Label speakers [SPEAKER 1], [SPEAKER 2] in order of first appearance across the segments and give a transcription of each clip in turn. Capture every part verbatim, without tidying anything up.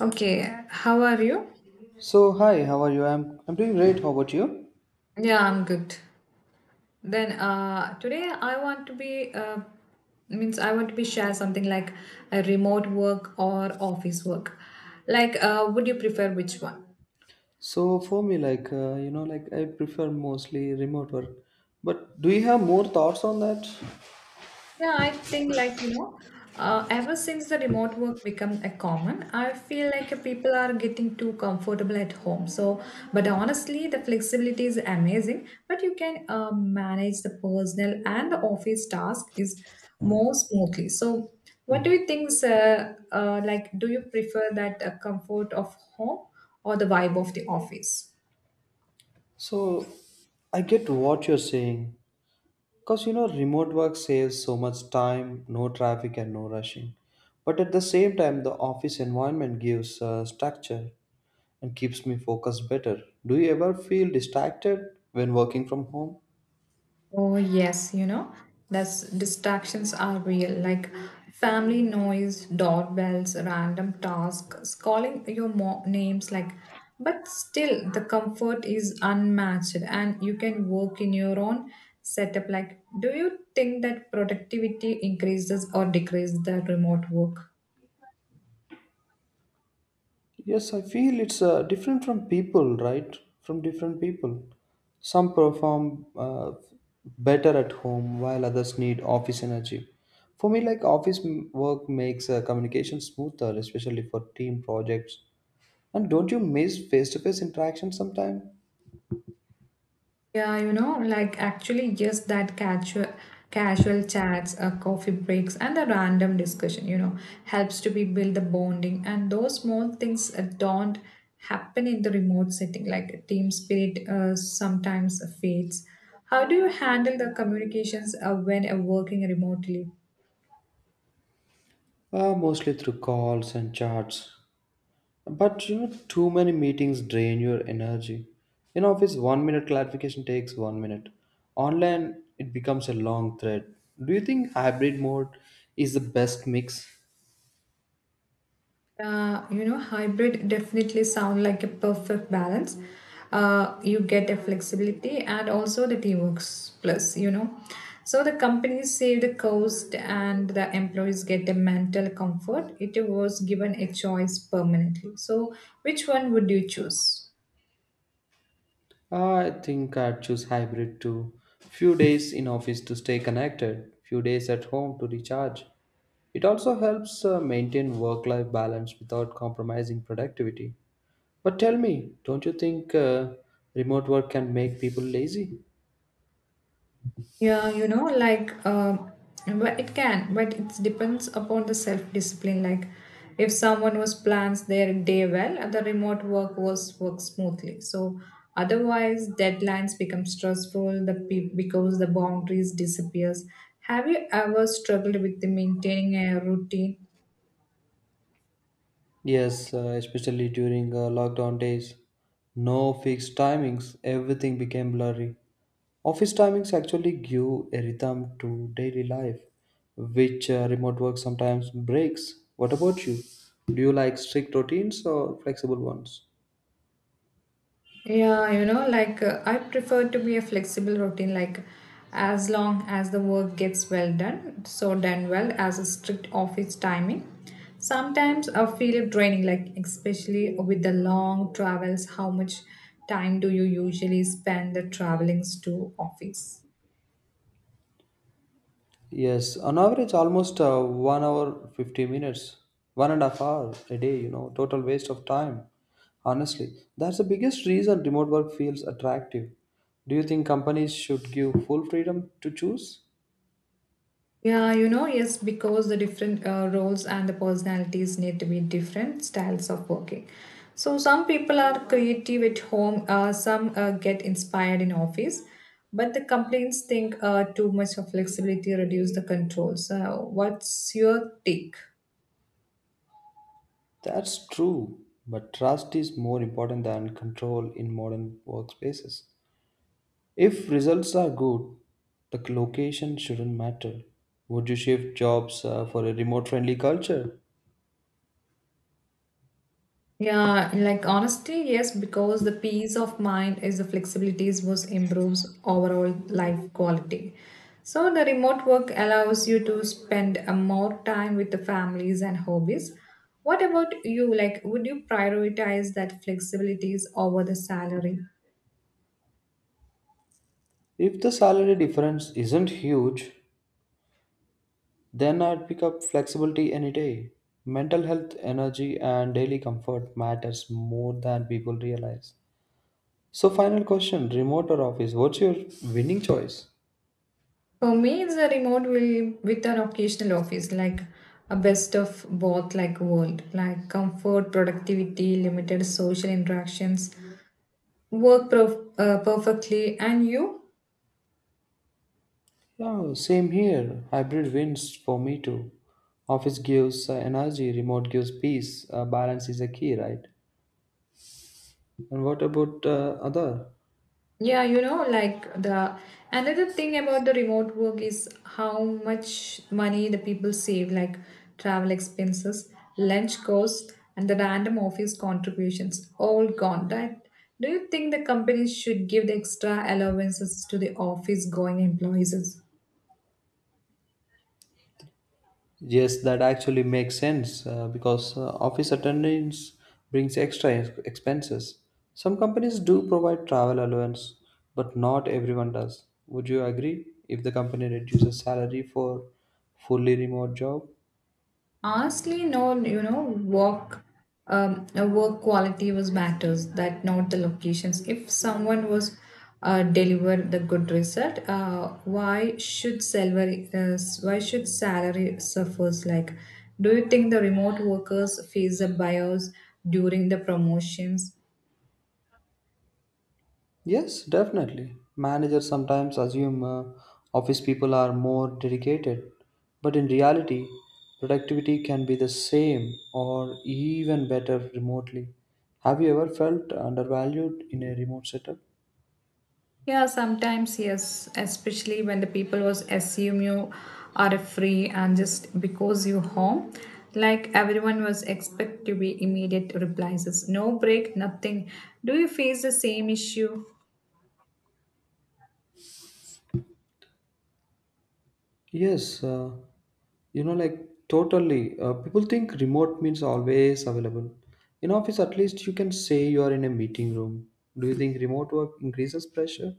[SPEAKER 1] Okay, how are you?
[SPEAKER 2] So hi, how are you? I'm I'm doing great. How about you?
[SPEAKER 1] Yeah, I'm good. Then uh, today I want to be uh, means I want to be share something like a remote work or office work. Like, uh, would you prefer which one?
[SPEAKER 2] So for me, like uh, you know, like I prefer mostly remote work. But do you have more thoughts on that?
[SPEAKER 1] Yeah, I think like you know, uh, ever since the remote work become a common, I feel like uh, people are getting too comfortable at home. So, but honestly, the flexibility is amazing. But you can uh, manage the personal and the office task is more smoothly. So, what do you think? Uh, uh, like, do you prefer that uh, comfort of home or the vibe of the office?
[SPEAKER 2] So I get what you're saying. Because you know, remote work saves so much time, no traffic and no rushing. But at the same time, the office environment gives uh, structure and keeps me focused better. Do you ever feel distracted when working from home?
[SPEAKER 1] Oh, yes, you know, that's distractions are real, like family noise, doorbells, random tasks, calling your mo- names, like, but still the comfort is unmatched and you can work in your own setup. Like, do you think that productivity increases or decreases the remote work?
[SPEAKER 2] Yes, I feel it's uh, different from people, right? From different people. Some perform uh, better at home while others need office energy. For me, like office m- work makes uh, communication smoother, especially for team projects. And don't you miss face to face interaction sometime?
[SPEAKER 1] Yeah, you know, like actually just that casual casual chats, uh, coffee breaks and the random discussion, you know, helps to be build the bonding and those small things uh, don't happen in the remote setting like team spirit uh, sometimes fades. How do you handle the communications uh, when uh, working remotely?
[SPEAKER 2] Uh, mostly through calls and chats. But you know, too many meetings drain your energy. In office, one minute clarification takes one minute. Online, it becomes a long thread. Do you think hybrid mode is the best mix?
[SPEAKER 1] Uh, you know, hybrid definitely sound like a perfect balance. Uh, you get the flexibility and also the teamwork plus, you know. So the companies save the cost and the employees get the mental comfort. It was given a choice permanently. So which one would you choose?
[SPEAKER 2] I think I'd choose hybrid too. Few days in office to stay connected, few days at home to recharge. It also helps uh, maintain work life balance without compromising productivity. But tell me, don't you think uh, remote work can make people lazy?
[SPEAKER 1] Yeah, you know, like, um, but it can, but it depends upon the self-discipline. Like, if someone was plans their day well, the remote work was work smoothly. So, otherwise, deadlines become stressful. The pe- because the boundaries disappears. Have you ever struggled with the maintaining a routine?
[SPEAKER 2] Yes, uh, especially during uh, lockdown days. No fixed timings, everything became blurry. Office timings actually give a rhythm to daily life, which uh, remote work sometimes breaks. What about you? Do you like strict routines or flexible ones?
[SPEAKER 1] Yeah, you know, like uh, I prefer to be a flexible routine, like as long as the work gets well done, so done well as a strict office timing. Sometimes I feel draining, like especially with the long travels, how much time do you usually spend the travelings to office?
[SPEAKER 2] Yes, on average, almost uh, one hour, fifty minutes, one and a half hour a day, you know, total waste of time. Honestly, that's the biggest reason remote work feels attractive. Do you think companies should give full freedom to choose?
[SPEAKER 1] Yeah, you know, yes, because the different uh, roles and the personalities need to be different styles of working. So some people are creative at home, uh, some uh, get inspired in office, but the complaints think uh, too much of flexibility reduce the control. So what's your take?
[SPEAKER 2] That's true, but trust is more important than control in modern workspaces. If results are good, the location shouldn't matter. Would you shift jobs uh, for a remote friendly culture?
[SPEAKER 1] Yeah, like honestly, yes, because the peace of mind is the flexibilities was improves overall life quality. So the remote work allows you to spend a more time with the families and hobbies. What about you? Like, would you prioritize that flexibilities over the salary?
[SPEAKER 2] If the salary difference isn't huge, then I'd pick up flexibility any day. Mental health, energy, and daily comfort matters more than people realize. So, final question, remote or office? What's your winning choice?
[SPEAKER 1] For me, it's a remote will with an occasional office, like a best of both like world, like comfort, productivity, limited social interactions, work perf- uh, perfectly and you.
[SPEAKER 2] Yeah, same here. Hybrid wins for me too. Office gives uh, energy, remote gives peace. Uh, balance is a key, right? And what about uh, other?
[SPEAKER 1] Yeah, you know, like the another thing about the remote work is how much money the people save like travel expenses, lunch costs and the random office contributions all gone, right? Do you think the companies should give the extra allowances to the office going employees?
[SPEAKER 2] Yes, that actually makes sense uh, because uh, office attendance brings extra ex- expenses. Some companies do provide travel allowance, but not everyone does. Would you agree if the company reduces salary for fully remote job?
[SPEAKER 1] Honestly, no, you know, work, um, uh, work quality was matters that not the locations. If someone was uh, deliver the good result, uh, why should salary, uh, why should salary suffers? Like, do you think the remote workers face a bias during the promotions?
[SPEAKER 2] Yes, definitely. Managers sometimes assume uh, office people are more dedicated, but in reality, productivity can be the same or even better remotely. Have you ever felt undervalued in a remote setup?
[SPEAKER 1] Yeah, sometimes yes, especially when the people was assume you are free and just because you home, like everyone was expect to be immediate replies, is no break, nothing. Do you face the same issue?
[SPEAKER 2] Yes, uh, you know, like totally. Uh, people think remote means always available. In office, at least you can say you are in a meeting room. Do you think remote work increases pressure?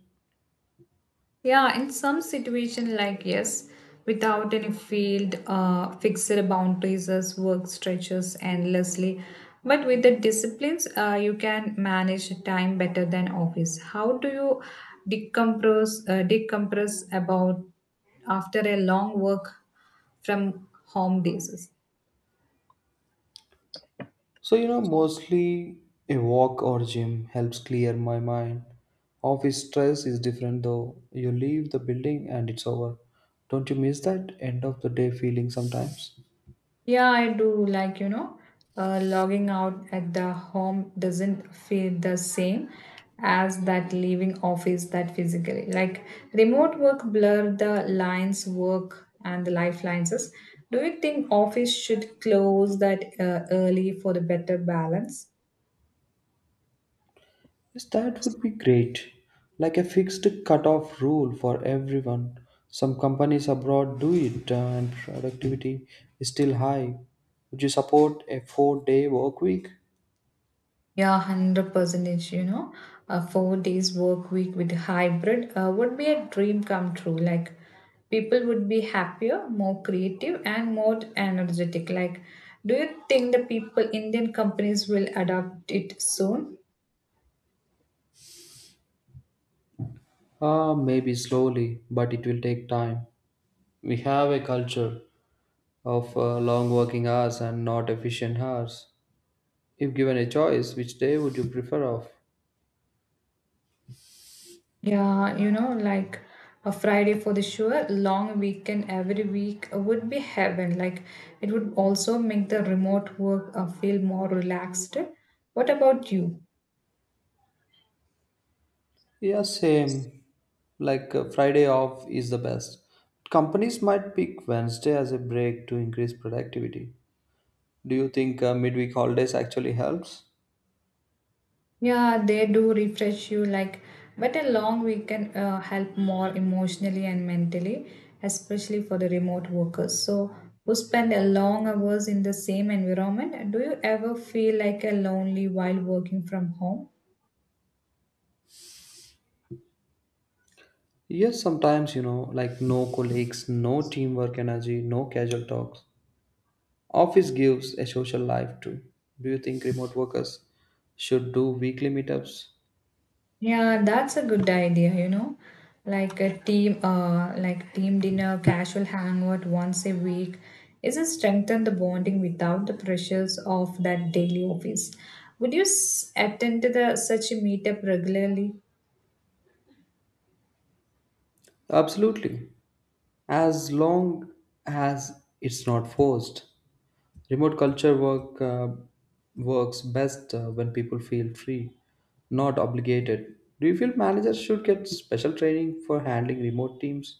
[SPEAKER 1] Yeah, in some situation, like yes, without any field, uh, fixed boundaries, as work stretches endlessly. But with the disciplines, uh, you can manage time better than office. How do you decompress? Uh, decompress about after a long work from home basis.
[SPEAKER 2] So, you know, mostly a walk or gym helps clear my mind. Office stress is different though. You leave the building and it's over. Don't you miss that end of the day feeling sometimes?
[SPEAKER 1] Yeah, I do. Like, you know, uh, logging out at the home doesn't feel the same as that leaving office that physically. Like, remote work blur the lines work and the lifelines. Do you think office should close that uh, early for the better balance?
[SPEAKER 2] Yes, that would be great. Like a fixed cutoff rule for everyone. Some companies abroad do it uh, and productivity is still high. Would you support a four day work week?
[SPEAKER 1] Yeah, one hundred percentage. You know, a four days work week with hybrid uh, would be a dream come true. Like, people would be happier, more creative, and more energetic. Like, do you think the people, Indian companies, will adopt it soon?
[SPEAKER 2] Ah, maybe slowly, but it will take time. We have a culture of uh, long working hours and not efficient hours. If given a choice, which day would you prefer off?
[SPEAKER 1] Yeah, you know, like a Friday for the sure, long weekend every week would be heaven. Like, it would also make the remote work uh, feel more relaxed. What about you?
[SPEAKER 2] Yeah, same. Like uh, Friday off is the best. Companies might pick Wednesday as a break to increase productivity. Do you think uh, midweek holidays actually helps?
[SPEAKER 1] Yeah, they do refresh you like but a long weekend uh, help more emotionally and mentally, especially for the remote workers. So who spend a long hours in the same environment, do you ever feel like a lonely while working from home?
[SPEAKER 2] Yes, sometimes, you know, like no colleagues, no teamwork energy, no casual talks. Office gives a social life too. Do you think remote workers should do weekly meetups?
[SPEAKER 1] Yeah, that's a good idea, you know. Like a team uh like team dinner, casual hangout once a week. Is it strengthen the bonding without the pressures of that daily office? Would you s- attend to the such a meetup regularly?
[SPEAKER 2] Absolutely. As long as it's not forced. Remote culture work uh, works best uh, when people feel free, not obligated. Do you feel managers should get special training for handling remote teams?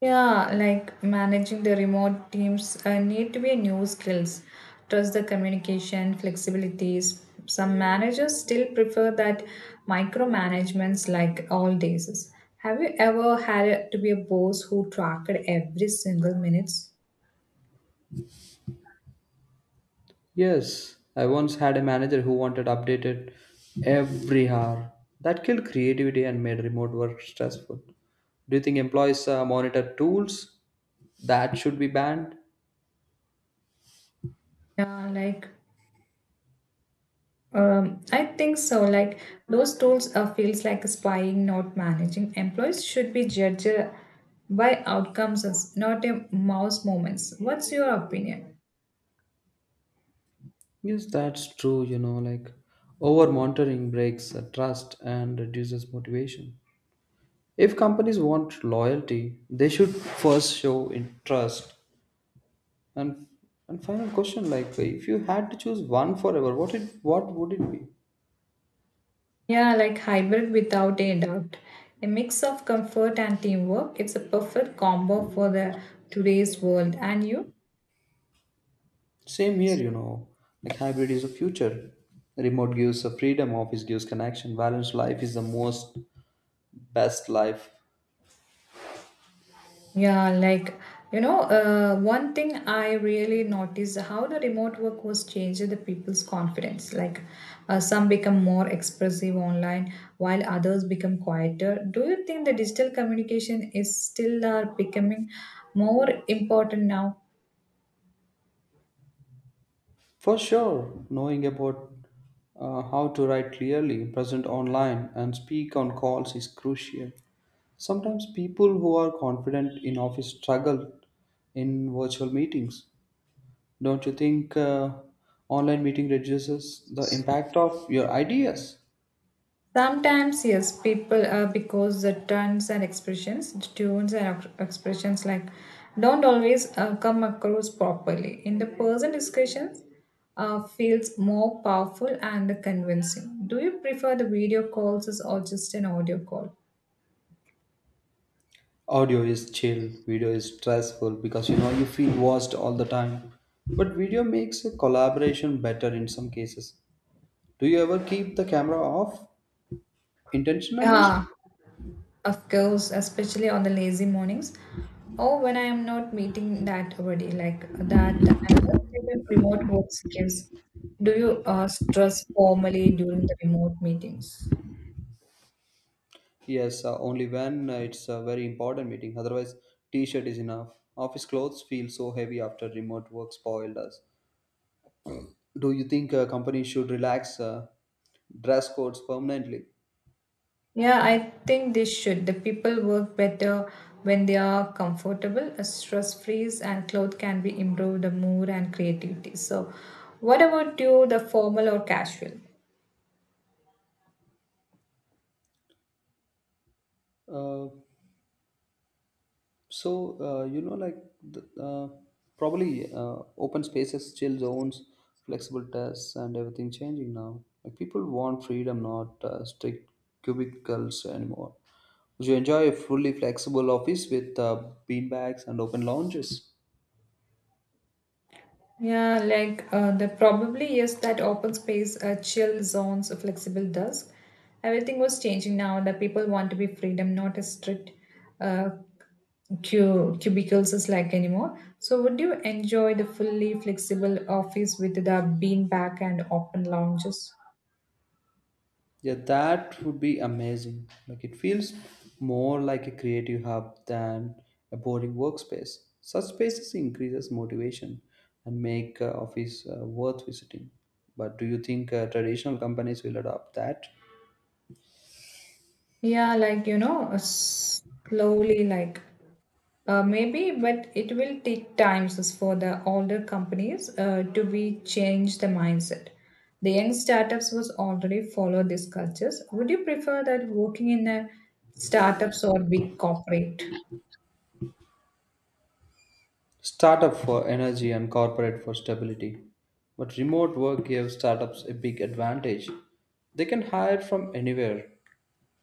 [SPEAKER 1] Yeah, like managing the remote teams uh, need to be a new skills. Trust the communication, flexibilities. Some managers still prefer that micromanagements like all days. Have you ever had to be a boss who tracked every single minutes?
[SPEAKER 2] Yes, I once had a manager who wanted updated every hour. That killed creativity and made remote work stressful. Do you think employees uh, monitor tools that should be banned?
[SPEAKER 1] Yeah, like um, I think so. Like those tools uh, feels like spying, not managing. Employees should be judged by outcomes, not a mouse moments. What's your opinion?
[SPEAKER 2] Yes, that's true. You know, like over monitoring breaks uh, trust and reduces motivation. If companies want loyalty, they should first show interest. And and final question, like if you had to choose one forever, what it what would it be?
[SPEAKER 1] Yeah, like hybrid without a doubt. A mix of comfort and teamwork. It's a perfect combo for the today's world. And you?
[SPEAKER 2] Same here, you know, like hybrid is the future. Remote gives the freedom, office gives connection, balanced life is the most best life.
[SPEAKER 1] Yeah, like you know, uh, one thing I really noticed how the remote work was changing the people's confidence. Like uh, some become more expressive online, while others become quieter. Do you think the digital communication is still are becoming more important now?
[SPEAKER 2] For sure, knowing about uh, how to write clearly, present online, and speak on calls is crucial. Sometimes people who are confident in office struggle in virtual meetings. Don't you think uh, online meeting reduces the impact of your ideas?
[SPEAKER 1] Sometimes, yes, people uh, because the turns and expressions, the tunes and ex- expressions like don't always uh, come across properly. In the person discussions, uh, feels more powerful and convincing. Do you prefer the video calls or just an audio call?
[SPEAKER 2] Audio is chill, video is stressful because you know you feel watched all the time. But video makes a collaboration better in some cases. Do you ever keep the camera off intentionally?
[SPEAKER 1] Yeah, of course, especially on the lazy mornings or when I am not meeting that already, like that another freedom remote works gives. Do you uh, stress formally during the remote meetings?
[SPEAKER 2] Yes, uh, only when uh, it's a very important meeting. Otherwise, t-shirt is enough. Office clothes feel so heavy after remote work spoiled us. Do you think uh, companies should relax uh, dress codes permanently?
[SPEAKER 1] Yeah, I think they should. The people work better when they are comfortable, stress free, and clothes can be improved the mood and creativity. So, what about you, the formal or casual?
[SPEAKER 2] Uh, so uh, you know, like the, uh, probably uh, Open spaces, chill zones, flexible tests, and everything changing now. Like people want freedom, not uh, strict cubicles anymore. Would you enjoy a fully flexible office with uh, bean bags and open lounges?
[SPEAKER 1] Yeah, like uh, there probably is that open space, uh, chill zones, a flexible dusk. Everything was changing now that people want to be freedom, not a strict uh, cu- cubicles is like anymore. So, would you enjoy the fully flexible office with the beanbag and open lounges?
[SPEAKER 2] Yeah, that would be amazing. Like it feels more like a creative hub than a boring workspace. Such spaces increases motivation and make uh, office uh, worth visiting. But do you think uh, traditional companies will adopt that?
[SPEAKER 1] Yeah, like you know, uh, slowly, like uh, maybe, but it will take times as for the older companies uh, to be change the mindset. The young startups was already follow these cultures. Would you prefer that working in a startups or big corporate?
[SPEAKER 2] Startup for energy and corporate for stability. But remote work gives startups a big advantage. They can hire from anywhere.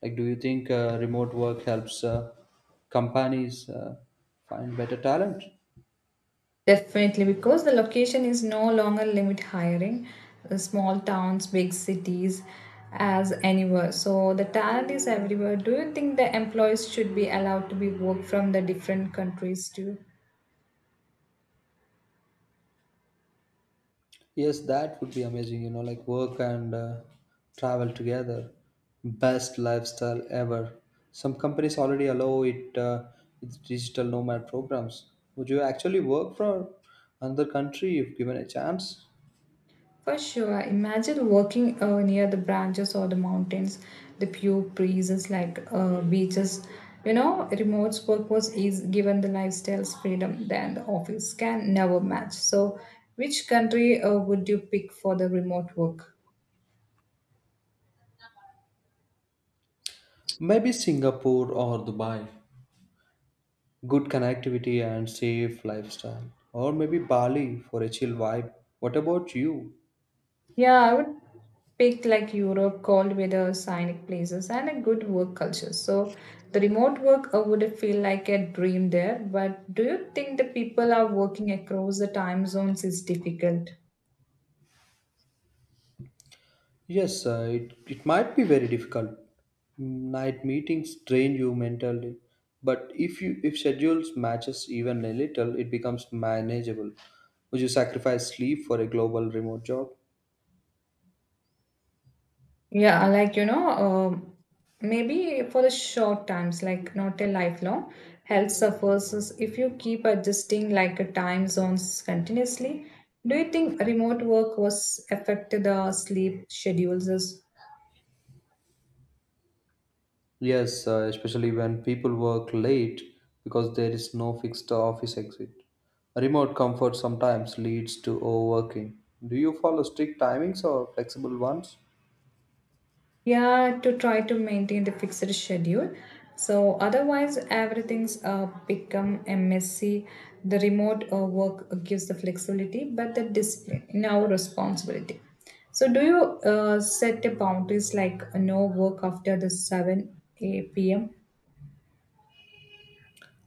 [SPEAKER 2] Like, do you think uh, remote work helps uh, companies uh, find better talent?
[SPEAKER 1] Definitely, because the location is no longer limit hiring, uh, small towns, big cities, as anywhere. So the talent is everywhere. Do you think the employees should be allowed to be work from the different countries too?
[SPEAKER 2] Yes, that would be amazing, you know, like work and uh, travel together. Best lifestyle ever. Some companies already allow it uh, with digital nomad programs. Would you actually work for another country if given a chance?
[SPEAKER 1] For sure. Imagine working uh, near the branches or the mountains, the pure breezes like uh, beaches. You know, remote work was easy, given the lifestyle's freedom than the office can never match. So, which country uh, would you pick for the remote work?
[SPEAKER 2] Maybe Singapore or Dubai. Good connectivity and safe lifestyle. Or maybe Bali for a chill vibe. What about you?
[SPEAKER 1] Yeah, I would pick like Europe, cold weather, scenic places, and a good work culture. So the remote work uh, would feel like a dream there. But do you think the people are working across the time zones is difficult?
[SPEAKER 2] Yes, uh, it, it might be very difficult. Night meetings drain you mentally, but if you if schedules matches even a little, it becomes manageable. Would you sacrifice sleep for a global remote job?
[SPEAKER 1] Yeah, like you know, um, maybe for the short times, like not a lifelong, health suffers is if you keep adjusting like a time zones continuously. Do you think remote work was affected the sleep schedules?
[SPEAKER 2] Yes, uh, especially when people work late because there is no fixed office exit. Remote comfort sometimes leads to overworking. Do you follow strict timings or flexible ones?
[SPEAKER 1] Yeah, to try to maintain the fixed schedule. So otherwise, everything's uh, become a messy. The remote uh, work gives the flexibility, but the discipline in our responsibility. So do you uh, set the boundaries like no work after the seven a m?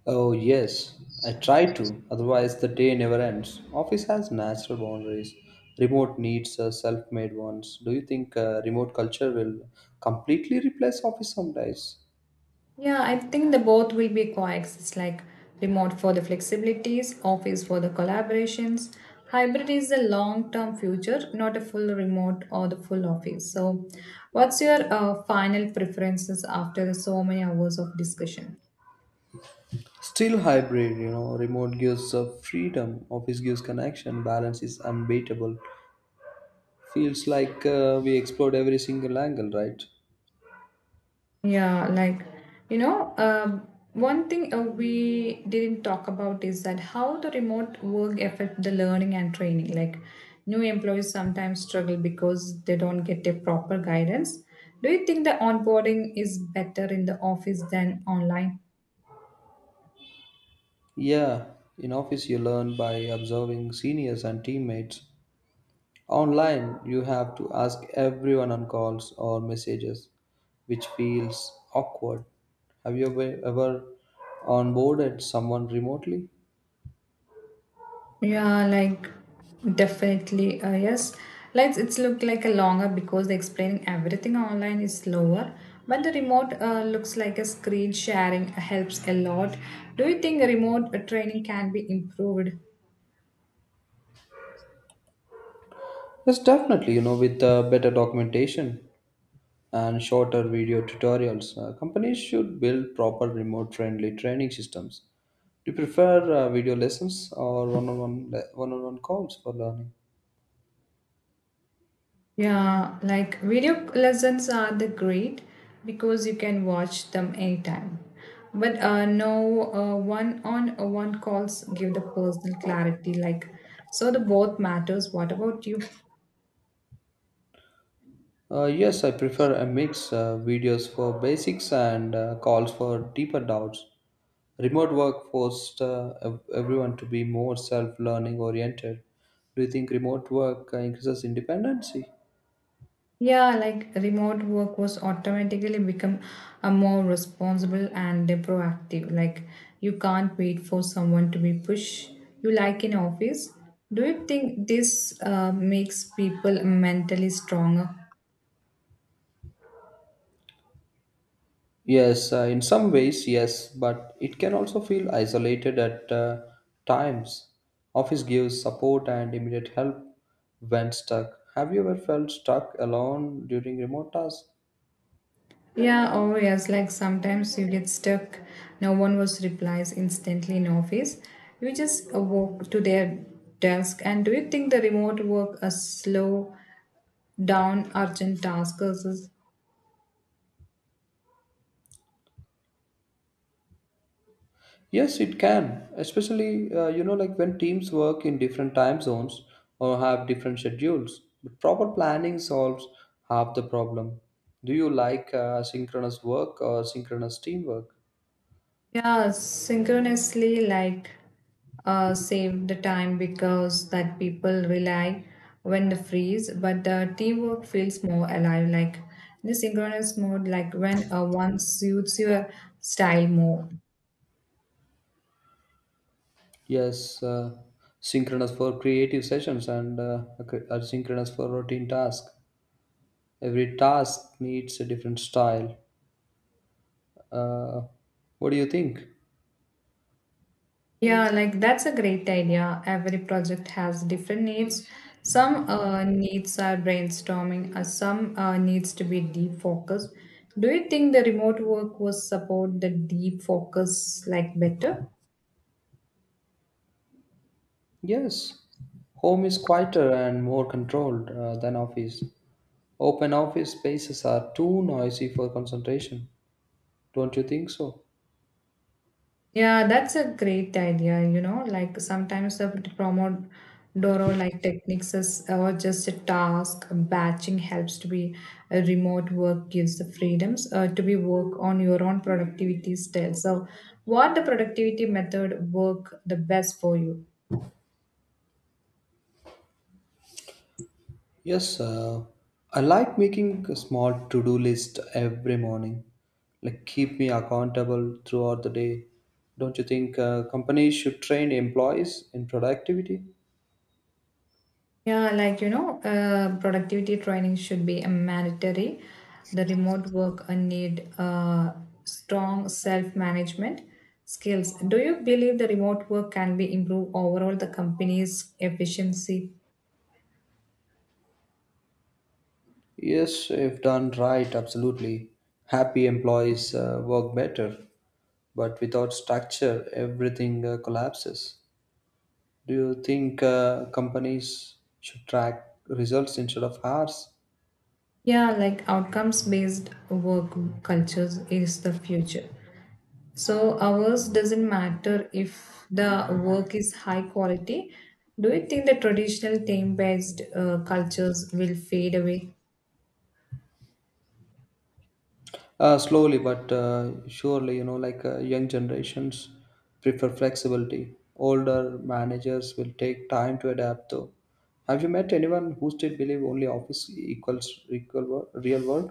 [SPEAKER 2] Oh, yes, I try to, otherwise, the day never ends. Office has natural boundaries. Remote needs uh, self made ones. Do you think uh, remote culture will completely replace office sometimes?
[SPEAKER 1] Yeah, I think the both will be coexist like remote for the flexibilities, office for the collaborations. Hybrid is the long term future, not a full remote or the full office. So, what's your uh, final preferences after so many hours of discussion?
[SPEAKER 2] Still hybrid, you know, remote gives uh, freedom, office gives connection, balance is unbeatable. Feels like uh, we explored every single angle, right?
[SPEAKER 1] Yeah, like you know, uh, one thing uh, we didn't talk about is that how the remote work affect the learning and training. Like new employees sometimes struggle because they don't get a proper guidance. Do you think the onboarding is better in the office than online?
[SPEAKER 2] Yeah, in office you learn by observing seniors and teammates. Online, you have to ask everyone on calls or messages, which feels awkward. Have you ever, ever onboarded someone remotely?
[SPEAKER 1] Yeah, like definitely, uh, yes. Like it's look like a longer because the explaining everything online is slower, but the remote uh, looks like a screen sharing helps a lot. Do you think remote uh, training can be improved?
[SPEAKER 2] Yes, definitely. You know, with uh, better documentation and shorter video tutorials, uh, companies should build proper remote friendly training systems. Do you prefer uh, video lessons or one on one one on one calls for learning?
[SPEAKER 1] Yeah, like video lessons are the great because you can watch them anytime. But uh, no uh, one on uh, one calls give the personal clarity. Like so, the both matters. What about you?
[SPEAKER 2] Uh, yes, I prefer a mix uh, videos for basics and uh, calls for deeper doubts. Remote work forced uh, ev- everyone to be more self learning oriented. Do you think remote work uh, increases independency?
[SPEAKER 1] Yeah, like remote work was automatically become a more responsible and proactive. Like you can't wait for someone to be push you like in office. Do you think this uh, makes people mentally stronger?
[SPEAKER 2] Yes, uh, in some ways, yes, but it can also feel isolated at uh, times. Office gives support and immediate help when stuck. Have you ever felt stuck alone during remote tasks?
[SPEAKER 1] Yeah, oh yes, like sometimes you get stuck. No one was replies instantly in office. You just uh, walk to their desk. And do you think the remote work a slow down urgent tasks?
[SPEAKER 2] Yes, it can, especially uh, you know like when teams work in different time zones or have different schedules. But proper planning solves half the problem. Do you like uh, synchronous work or synchronous teamwork?
[SPEAKER 1] Yeah, synchronously, like uh, save the time because that people rely when the freeze, but the teamwork feels more alive. Like in the synchronous mode, like when uh, one suits your style more.
[SPEAKER 2] Yes, uh, synchronous for creative sessions and uh, ac- uh, synchronous for routine tasks. Every task needs a different style. Uh, what do you think?
[SPEAKER 1] Yeah, like that's a great idea. Every project has different needs. Some uh, needs are brainstorming, uh, some uh, needs to be deep focused. Do you think the remote work will support the deep focus like better?
[SPEAKER 2] Yes, home is quieter and more controlled uh, than office. Open office spaces are too noisy for concentration. Don't you think so?
[SPEAKER 1] Yeah, that's a great idea. You know, like sometimes the Pomodoro like techniques is or just a task batching helps to be a remote work gives the freedoms uh, to be work on your own productivity style. So, what the productivity method work the best for you?
[SPEAKER 2] Yes, uh, I like making a small to-do list every morning. Like keep me accountable throughout the day. Don't you think uh, companies should train employees in productivity?
[SPEAKER 1] Yeah, like you know, uh, productivity training should be a mandatory. The remote work uh, need uh, strong self-management skills. Do you believe the remote work can be improve overall the company's efficiency?
[SPEAKER 2] Yes, if done right, absolutely. Happy employees uh, work better, but without structure, everything uh, collapses. Do you think uh, companies should track results instead of hours?
[SPEAKER 1] Yeah, like outcomes-based work cultures is the future. So hours doesn't matter if the work is high quality. Do you think the traditional team-based uh, cultures will fade away?
[SPEAKER 2] Uh, slowly but uh, surely, you know, like uh, young generations prefer flexibility. Older managers will take time to adapt, though. Have you met anyone who still believe only office equals equal wor- real world?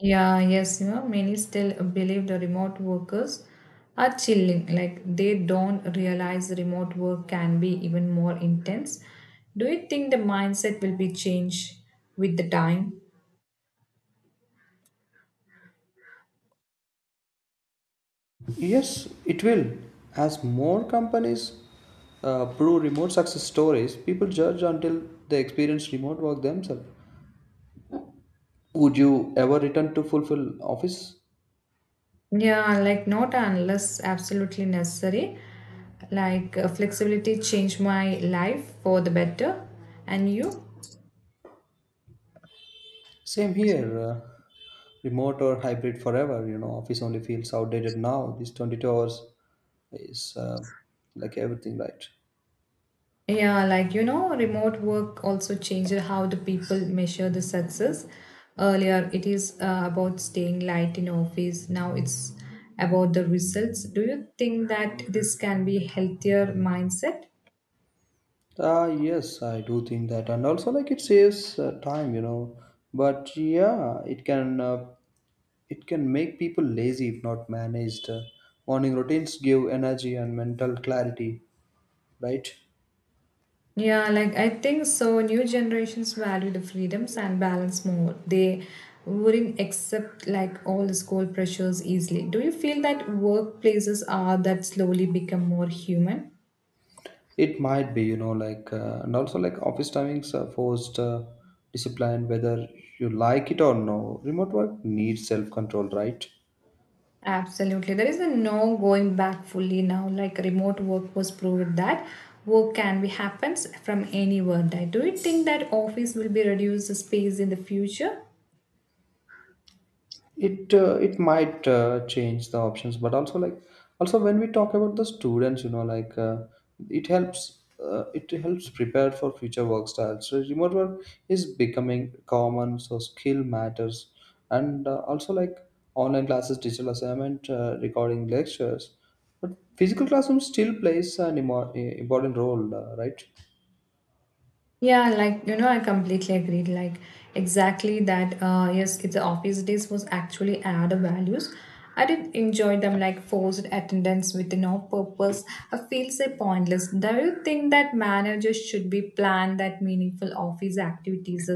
[SPEAKER 1] Yeah, yes, you know, many still believe the remote workers are chilling. Like they don't realize remote work can be even more intense. Do you think the mindset will be changed with the time?
[SPEAKER 2] Yes, it will. As more companies uh, prove remote success stories, people judge until they experience remote work themselves. Would you ever return to fulfill office?
[SPEAKER 1] Yeah, like not unless absolutely necessary. Like uh, flexibility changed my life for the better. And you?
[SPEAKER 2] Same here. Uh, remote or hybrid forever. You know, office only feels outdated now. These twenty-two hours is uh, like everything, right?
[SPEAKER 1] Yeah, like you know, remote work also changed how the people measure the success. Earlier, it is uh, about staying light in office. Now it's about the results. Do you think that this can be healthier mindset?
[SPEAKER 2] Ah, yes, I do think that, and also like it saves uh, time, you know. But yeah, it can uh, It can make people lazy if not managed. Uh, Morning routines give energy and mental clarity, right?
[SPEAKER 1] Yeah, like I think so. New generations value the freedoms and balance more. They wouldn't accept like all the school pressures easily. Do you feel that workplaces are that slowly become more human?
[SPEAKER 2] It might be, you know, like, uh, and also like office timings are forced uh, discipline, whether you like it or no. Remote work needs self control, right?
[SPEAKER 1] Absolutely. There is a no going back fully now. Like remote work was proved that work can be happens from anywhere. Right? Do you think that office will be reduced space in the future?
[SPEAKER 2] it uh, it might uh, change the options, but also like also when we talk about the students, you know, like uh, it helps uh, it helps prepare for future work styles. So remote work is becoming common, so skill matters. And uh, also like online classes, digital assignment, uh, recording lectures, but physical classroom still plays an imo- important role, uh, right?
[SPEAKER 1] Yeah, like you know, I completely agreed. Like exactly that. Uh, yes, it's the office days was actually add values. I did enjoy them like forced attendance with no purpose. I feel so pointless. Do you think that managers should be planned that meaningful office activities?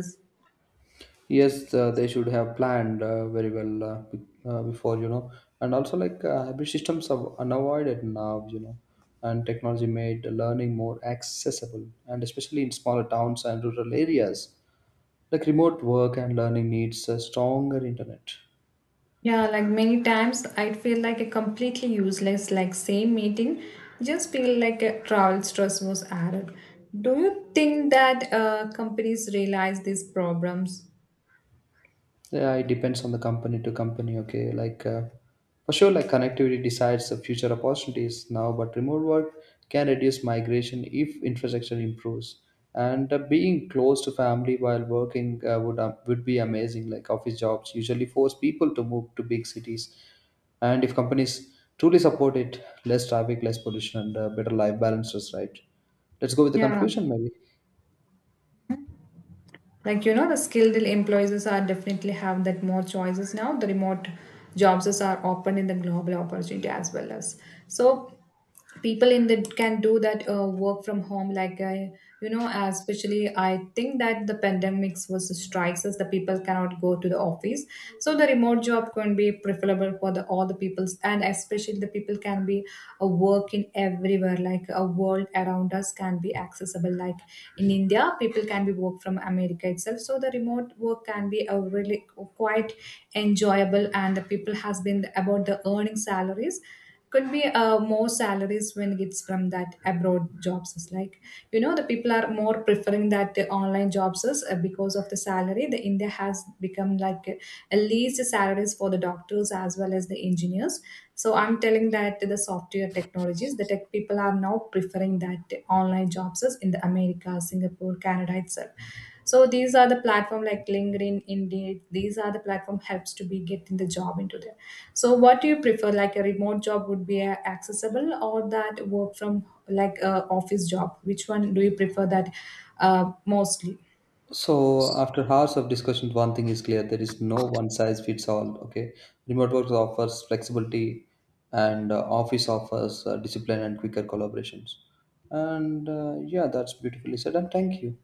[SPEAKER 2] Yes, uh, they should have planned uh, very well uh, be- uh, before, you know. And also, like uh, hybrid systems are unavoided now, you know. And technology made learning more accessible, and especially in smaller towns and rural areas, like remote work and learning needs a stronger internet.
[SPEAKER 1] Yeah, like many times I feel like a completely useless, like same meeting, just feel like a travel stress was added. Do you think that uh, companies realize these problems?
[SPEAKER 2] Yeah, it depends on the company to company. Okay, like uh, for sure, like connectivity decides the future opportunities now, but remote work can reduce migration if infrastructure improves. And uh, being close to family while working uh, would uh, would be amazing. Like office jobs usually force people to move to big cities, and if companies truly support it, less traffic, less pollution, and uh, better life balances. Right. Let's go with the
[SPEAKER 1] Yeah,
[SPEAKER 2] conclusion, maybe.
[SPEAKER 1] like you know, the skilled employees are definitely have that more choices now. The remote jobs are open in the global opportunity as well as, so people in the can do that uh, work from home. Like I, you know, especially I think that the pandemics was the strikes as the people cannot go to the office, so the remote job can be preferable for the all the peoples. And especially the people can be a work in everywhere, like a world around us can be accessible. Like in India, people can be work from America itself, so the remote work can be a really quite enjoyable. And the people has been about the earning salaries could be uh, more salaries when it's from that abroad jobs. Is like, you know, the people are more preferring that the online jobs is, uh, because of the salary, the India has become like a least salaries for the doctor doctors as well as the engineers. So I'm telling that the software technologies, the tech people are now preferring that online jobs is in the America, Singapore, Canada itself. So these are the platform like LinkedIn, Indeed, these are the platform helps to be getting the job into there. So what do you prefer, like a remote job would be uh, accessible, or that work from like a office job? Which one do you prefer that uh, mostly?
[SPEAKER 2] So after hours of discussion, one thing is clear: there is no one size fits all. Okay, remote work offers flexibility, and uh, office offers uh, discipline and quicker collaborations. And uh, yeah, that's beautifully said. And thank you.